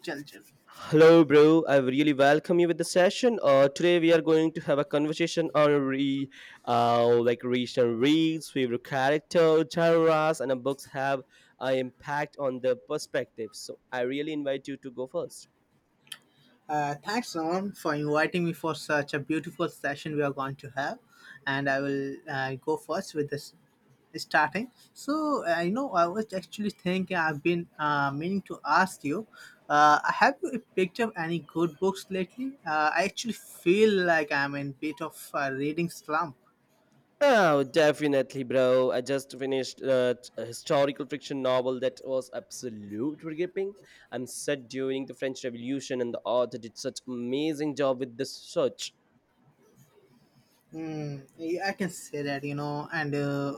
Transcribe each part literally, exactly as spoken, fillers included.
Chal, chal. Hello, bro. I really welcome you with the session. Uh, today we are going to have a conversation on re, uh, like recent reads, favorite character, genres, and uh, books have an impact on the perspective. So I really invite you to go first. Uh, thanks, Roman, for inviting me for such a beautiful session we are going to have. And I will uh, go first with this starting. So, uh, you know, I was actually thinking, I've been uh, meaning to ask you, uh, have you picked up any good books lately? Uh, I actually feel like I'm in a bit of a reading slump. Oh, definitely, bro. I just finished uh, historical fiction novel that was absolutely gripping. I'm set during the French Revolution, and the author did such amazing job with the search. Mm, yeah, I can say that, you know, and uh,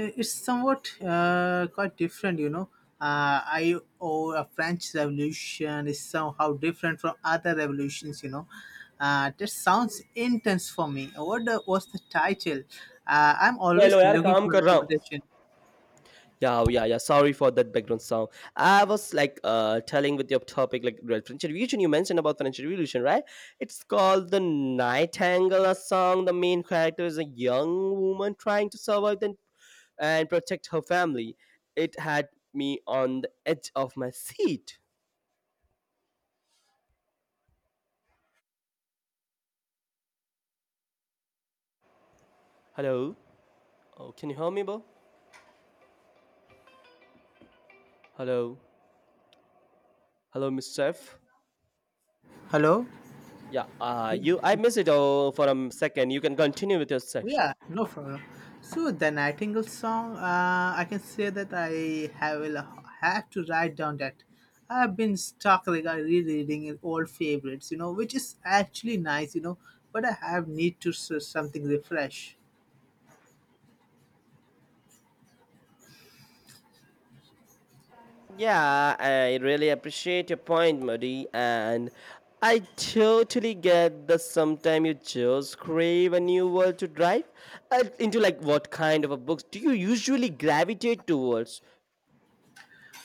Uh, it's somewhat uh, quite different, you know. Uh, I owe a French Revolution is somehow different from other revolutions, you know. Uh, that sounds intense for me. What the, was the title? Uh, I'm always hello यार looking काम for a कर रहा हूँ recommendation. Yeah, oh, yeah, yeah. Sorry for that background sound. I was like uh telling with your topic like the French Revolution. You mentioned about French Revolution, right? It's called the Nightingale a song. The main character is a young woman trying to survive and and protect her family. It had me on the edge of my seat. Hello. Oh, can you hear me, bro? Hello. Hello, Miss Chef. Hello. Yeah. Uh you. I missed it. Oh, for a second. You can continue with your section. Yeah, no problem. So the Nightingale song, uh, I can say that I have will have to write down that I've been stuck like I rereading old favorites, you know, which is actually nice, you know, but I have need to s- something refresh. Yeah, I really appreciate your point, Muddy, and I totally get that sometimes you just crave a new world to drive uh, into. Like, what kind of a books do you usually gravitate towards?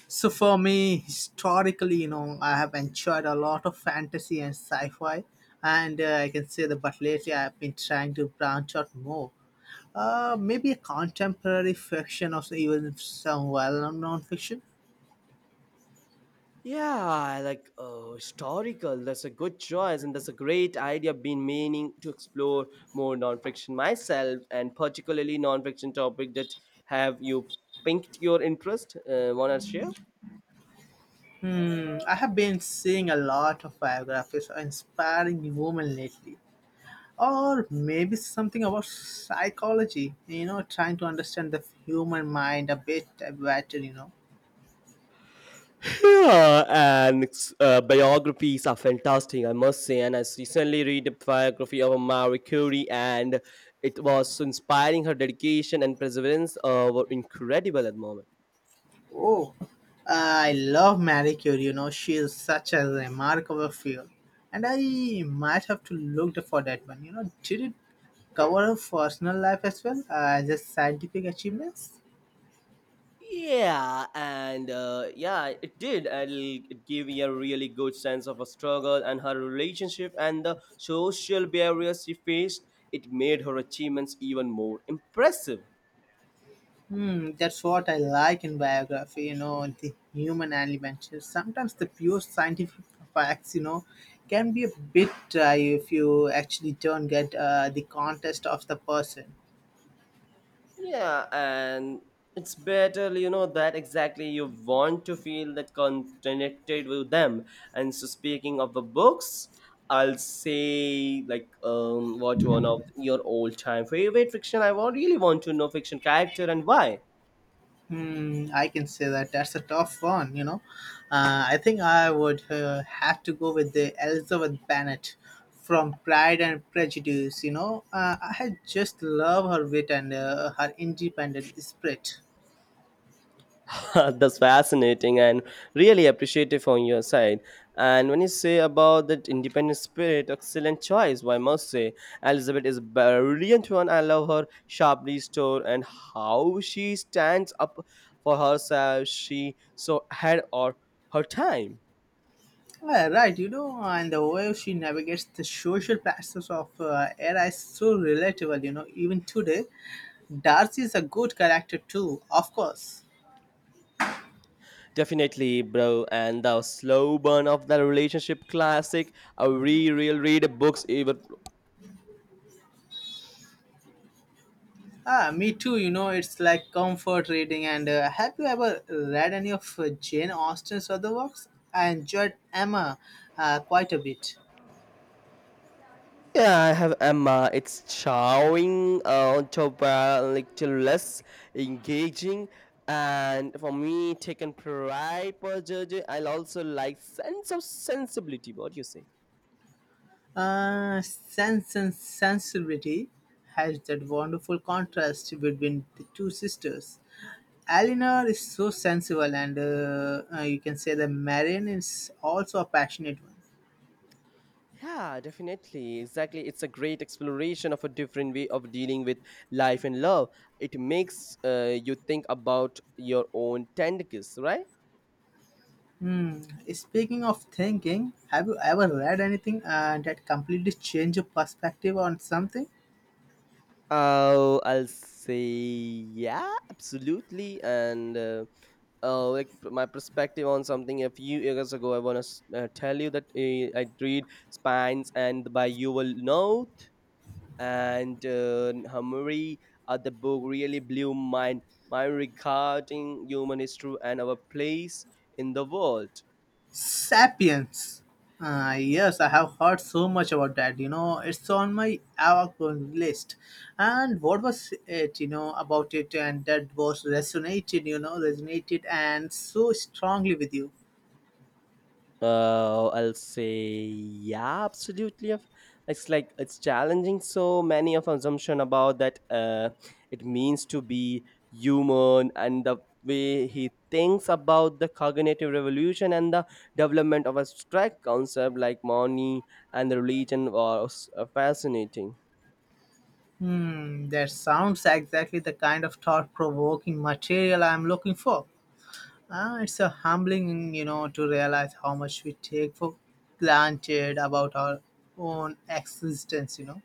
So for me, historically, you know, I have enjoyed a lot of fantasy and sci-fi, and uh, I can say that. But lately, I've been trying to branch out more. Uh, maybe a contemporary fiction or so, even some well-known non-fiction. Yeah, I like oh, historical. That's a good choice, and that's a great idea. I've been meaning to explore more non-fiction myself, and particularly non-fiction topic that have you pinked your interest. Uh, wanna share? Hmm, I have been seeing a lot of biographies of inspiring women lately. Or maybe something about psychology, you know, trying to understand the human mind a bit better, you know. Yeah, and uh, biographies are fantastic, I must say. And I recently read a biography of Marie Curie, and it was so inspiring. Her dedication and perseverance uh, were incredible at the moment. Oh, I love Marie Curie. You know, she is such a remarkable figure. And I might have to look for that one. You know, did it cover her personal life as well uh, as her scientific achievements? Yeah, and uh, yeah, it did. And it gave me a really good sense of a struggle and her relationship and the social barriers she faced. It made her achievements even more impressive. Hmm, that's what I like in biography. You know, the human element. Sometimes the pure scientific facts, you know, can be a bit dry if you actually don't get uh, the context of the person. Yeah, and it's better, you know, that exactly you want to feel that con- connected with them. And so, speaking of the books, I'll say like um, what one of your all-time favorite fiction. I wa- really want to know fiction character and why. Hmm, I can say that that's a tough one, you know. Uh, I think I would uh, have to go with the Elizabeth Bennet from Pride and Prejudice, you know. Uh, I just love her wit and uh, her independent spirit. That's fascinating and really appreciative on your side. And when you say about that independent spirit, excellent choice, I must say. Elizabeth is a brilliant one. I love her sharply store and how she stands up for herself. She so had or her time. Uh, right, you know, and the way she navigates the social pressures of uh, era is so relatable, you know, even today. Darcy is a good character too, of course. Definitely, bro. And the slow burn of the relationship classic. I re real Read books even. Ah, me too. You know, it's like comfort reading. And uh, have you ever read any of uh, Jane Austen's other works? I enjoyed Emma uh, quite a bit. Yeah, I have Emma. It's showing uh, to a little less engaging, and for me, taken pride per judge. I also like sense of sensibility. What do you say? Uh, Sense and Sensibility has that wonderful contrast between the two sisters. Eleanor is so sensible, and uh, uh, you can say that Marion is also a passionate one. Yeah, definitely. Exactly. It's a great exploration of a different way of dealing with life and love. It makes uh, you think about your own tenderness, right? Hmm. Speaking of thinking, have you ever read anything uh, that completely changed your perspective on something? Oh, I'll say yeah, absolutely. And uh, uh, like p- my perspective on something a few years ago, I wanna s- uh, tell you that uh, I read Spines and by Yuval Note and uh, Hamuri. Uh, the book really blew my mind mind regarding human history and our place in the world. Sapiens. Uh, yes, I have heard so much about that. You know, it's on my outgoing list. And what was it? You know about it, and that was resonated. You know, resonated and so strongly with you. Uh, I'll say yeah, absolutely. If- It's like it's challenging so many of assumption about that uh, it means to be human and the way he thinks about the cognitive revolution and the development of abstract concept like money and religion was uh, fascinating. Hmm, that sounds exactly the kind of thought-provoking material I'm looking for. Ah, it's a humbling, you know, to realize how much we take for granted about our own existence. You know.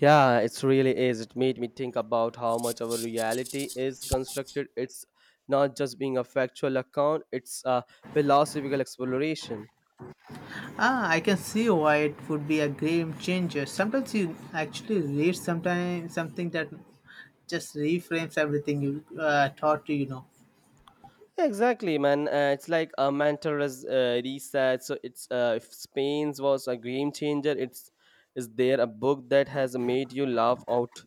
Yeah, it really is. It made me think about how much our reality is constructed. It's not just being a factual account, it's a philosophical exploration. Ah, I can see why it would be a game changer. Sometimes you actually read sometimes something that just reframes everything you uh, thought you know. Exactly, man. Uh, it's like a mental res- uh, reset. So it's uh, if Spain's was a game changer, it's is there a book that has made you laugh out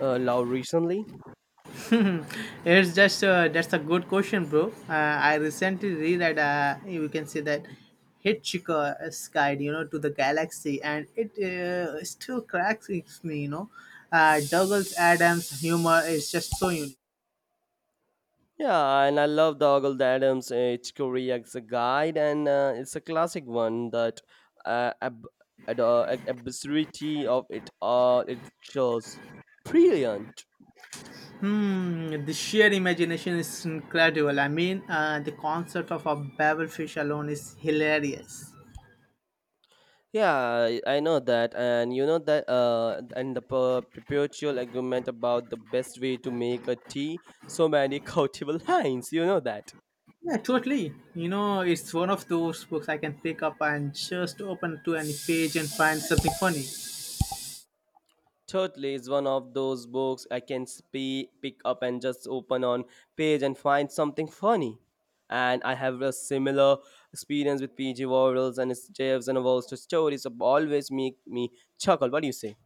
uh, loud recently? It's just uh, that's a good question, bro. Uh, I recently reread. Uh, you can see that Hitchhiker's Guide, you know, to the Galaxy, and it uh, still cracks me. You know, uh, Douglas Adams' humor is just so unique. Yeah, and I love the Ogle Adams uh, Itchcory as a guide, and uh, it's a classic one that uh, ab- ad- uh, ab- absurdity of it all it's just brilliant. Hmm, the sheer imagination is incredible. I mean, uh, the concept of a babelfish alone is hilarious. Yeah, I I know that, and you know that, uh, and the per- perpetual argument about the best way to make a tea, so many quotable lines, you know that. Yeah, totally. You know, it's one of those books I can pick up and just open to any page and find something funny. Totally, it's one of those books I can spe- pick up and just open on page and find something funny. And I have a similar experience with P G Warrels and his Jeffs and Walls to stories of always make me chuckle. What do you say?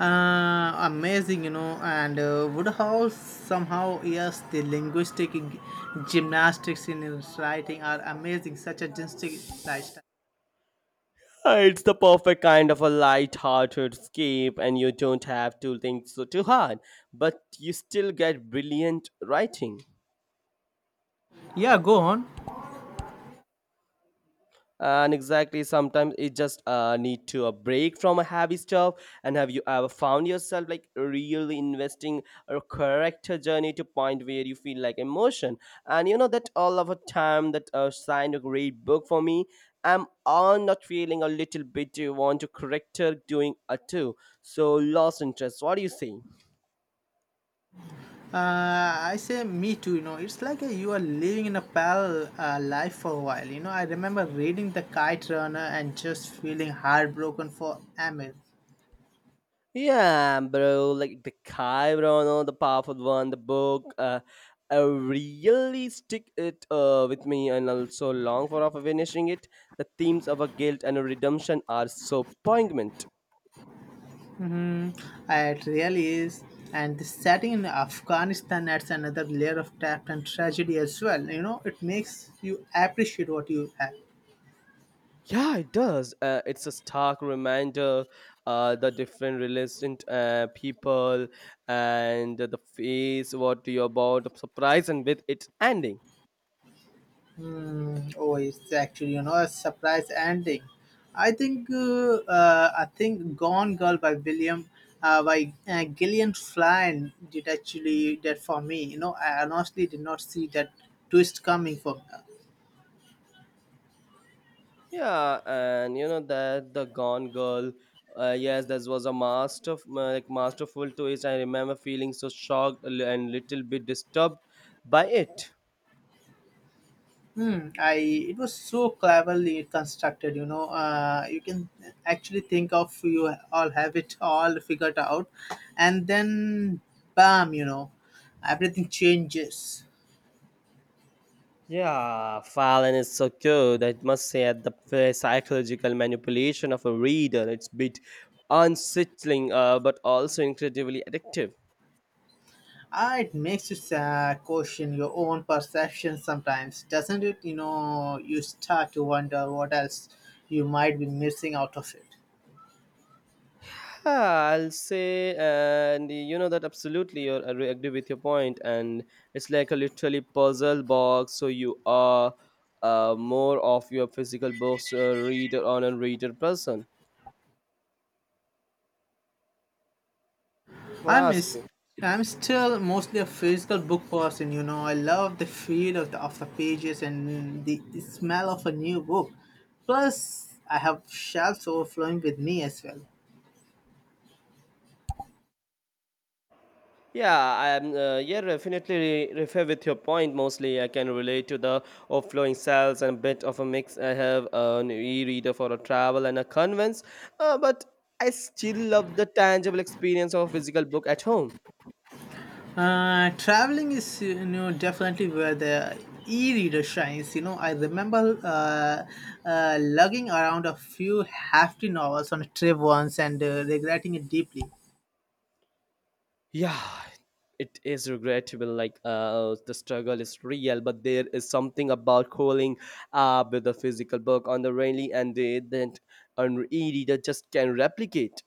Uh, amazing, you know, and uh, Woodhouse somehow, yes, the linguistic g- gymnastics in his writing are amazing, such a distinct lifestyle. Uh, It's the perfect kind of a light-hearted escape, and you don't have to think so too hard, but you still get brilliant writing. Yeah, go on. And exactly sometimes it just uh, need to a break from a heavy stuff and have you ever found yourself like really investing a character journey to point where you feel like emotion and you know that all of a time that uh, signed a great book for me. I'm all not feeling a little bit you want to character doing a too so lost interest. What do you say? Uh, I say me too, you know. It's like uh, you are living in a parallel uh, life for a while. You know, I remember reading The Kite Runner and just feeling heartbroken for Amir. Yeah, bro, like the Chiron, the powerful one, the book, uh, I really stick it uh, with me and also long for of finishing it. The themes of a guilt and a redemption are so poignant. Uh, it really is. And the setting in Afghanistan adds another layer of depth and tragedy as well. You know, it makes you appreciate what you have. Yeah, it does. Uh, it's a stark reminder uh, the different religion uh, people and the face what you're about, the surprise and with its ending. Mm, oh, it's actually you know a surprise ending. I think uh, uh, I think Gone Girl by William uh, by uh, Gillian Flynn did actually that for me. You know, I honestly did not see that twist coming from her. Yeah, and you know that the Gone Girl. Uh, yes, this was a master, like masterful twist. I remember feeling so shocked and little bit disturbed by it. Hmm, I it was so cleverly constructed. You know, uh, you can actually think of you all have it all figured out, and then bam, you know, everything changes. Yeah, Fallon is so good. I must say, at the f- psychological manipulation of a reader, it's a bit unsettling, uh, but also incredibly addictive. Ah, it makes you uh, question your own perception sometimes, doesn't it? You know, you start to wonder what else you might be missing out of it. Yeah, I'll say, and you know that absolutely, you're, I re- agree with your point, and it's like a literally puzzle box. So you are uh, more of your physical books uh, reader on a reader person. I want to I'm ask is you. I'm still mostly a physical book person. You know, I love the feel of the, of the pages and the smell of a new book. Plus, I have shelves overflowing with me as well. Yeah, I'm. Uh, yeah, definitely re- refer with your point. Mostly, I can relate to the overflowing cells and a bit of a mix. I have an e-reader for a travel and a conveyance, uh, but I still love the tangible experience of a physical book at home. Uh, traveling is you know definitely where the e-reader shines. You know, I remember uh, uh, lugging around a few hefty novels on a trip once and uh, regretting it deeply. Yeah, it is regrettable like uh the struggle is real, but there is something about calling up with a physical book on the railing and they that an e-reader just can replicate.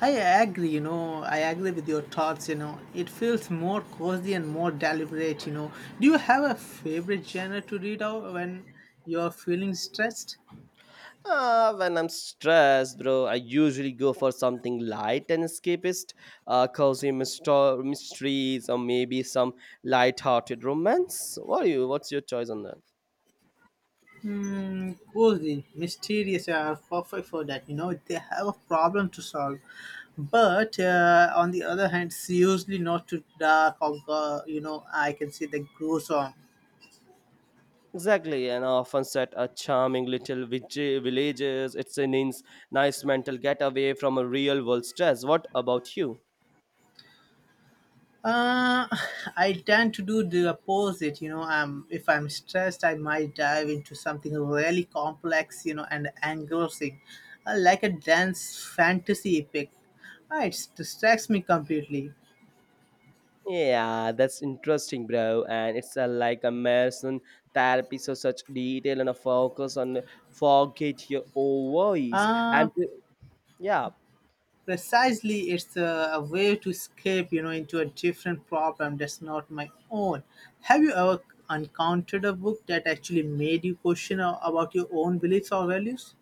I agree. You know, I agree with your thoughts. You know, it feels more cozy and more deliberate. You know, do you have a favorite genre to read out when you're feeling stressed? Uh, when I'm stressed bro I usually go for something light and escapist, uh cozy mysto- mysteries or maybe some light-hearted romance. What are you, what's your choice on that? Hmm, cozy, mysterious uh, are perfect for that. You know, they have a problem to solve. But uh, on the other hand, it's usually not too dark or, uh, you know, I can see the goes on. Exactly, and often set a charming little vij- villages. It's a nice, nice mental getaway from a real world stress. What about you? Uh, I tend to do the opposite. You know, I'm, if I'm stressed, I might dive into something really complex, you know, and engrossing, uh, like a dense fantasy epic. Uh, it distracts me completely. Yeah, that's interesting, bro. And it's a, like a marathon therapy, so such detail and a focus on forget your own voice. Uh, And pre- yeah, Precisely it's a, a way to escape you know into a different problem that's not my own. Have you ever encountered a book that actually made you question a- about your own beliefs or values?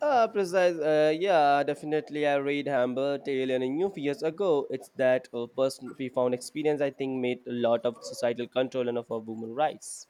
uh, precise. Uh, yeah, definitely. I read Humble Tale and a new few years ago. It's that a person profound experience I think made a lot of societal control and of our women rights.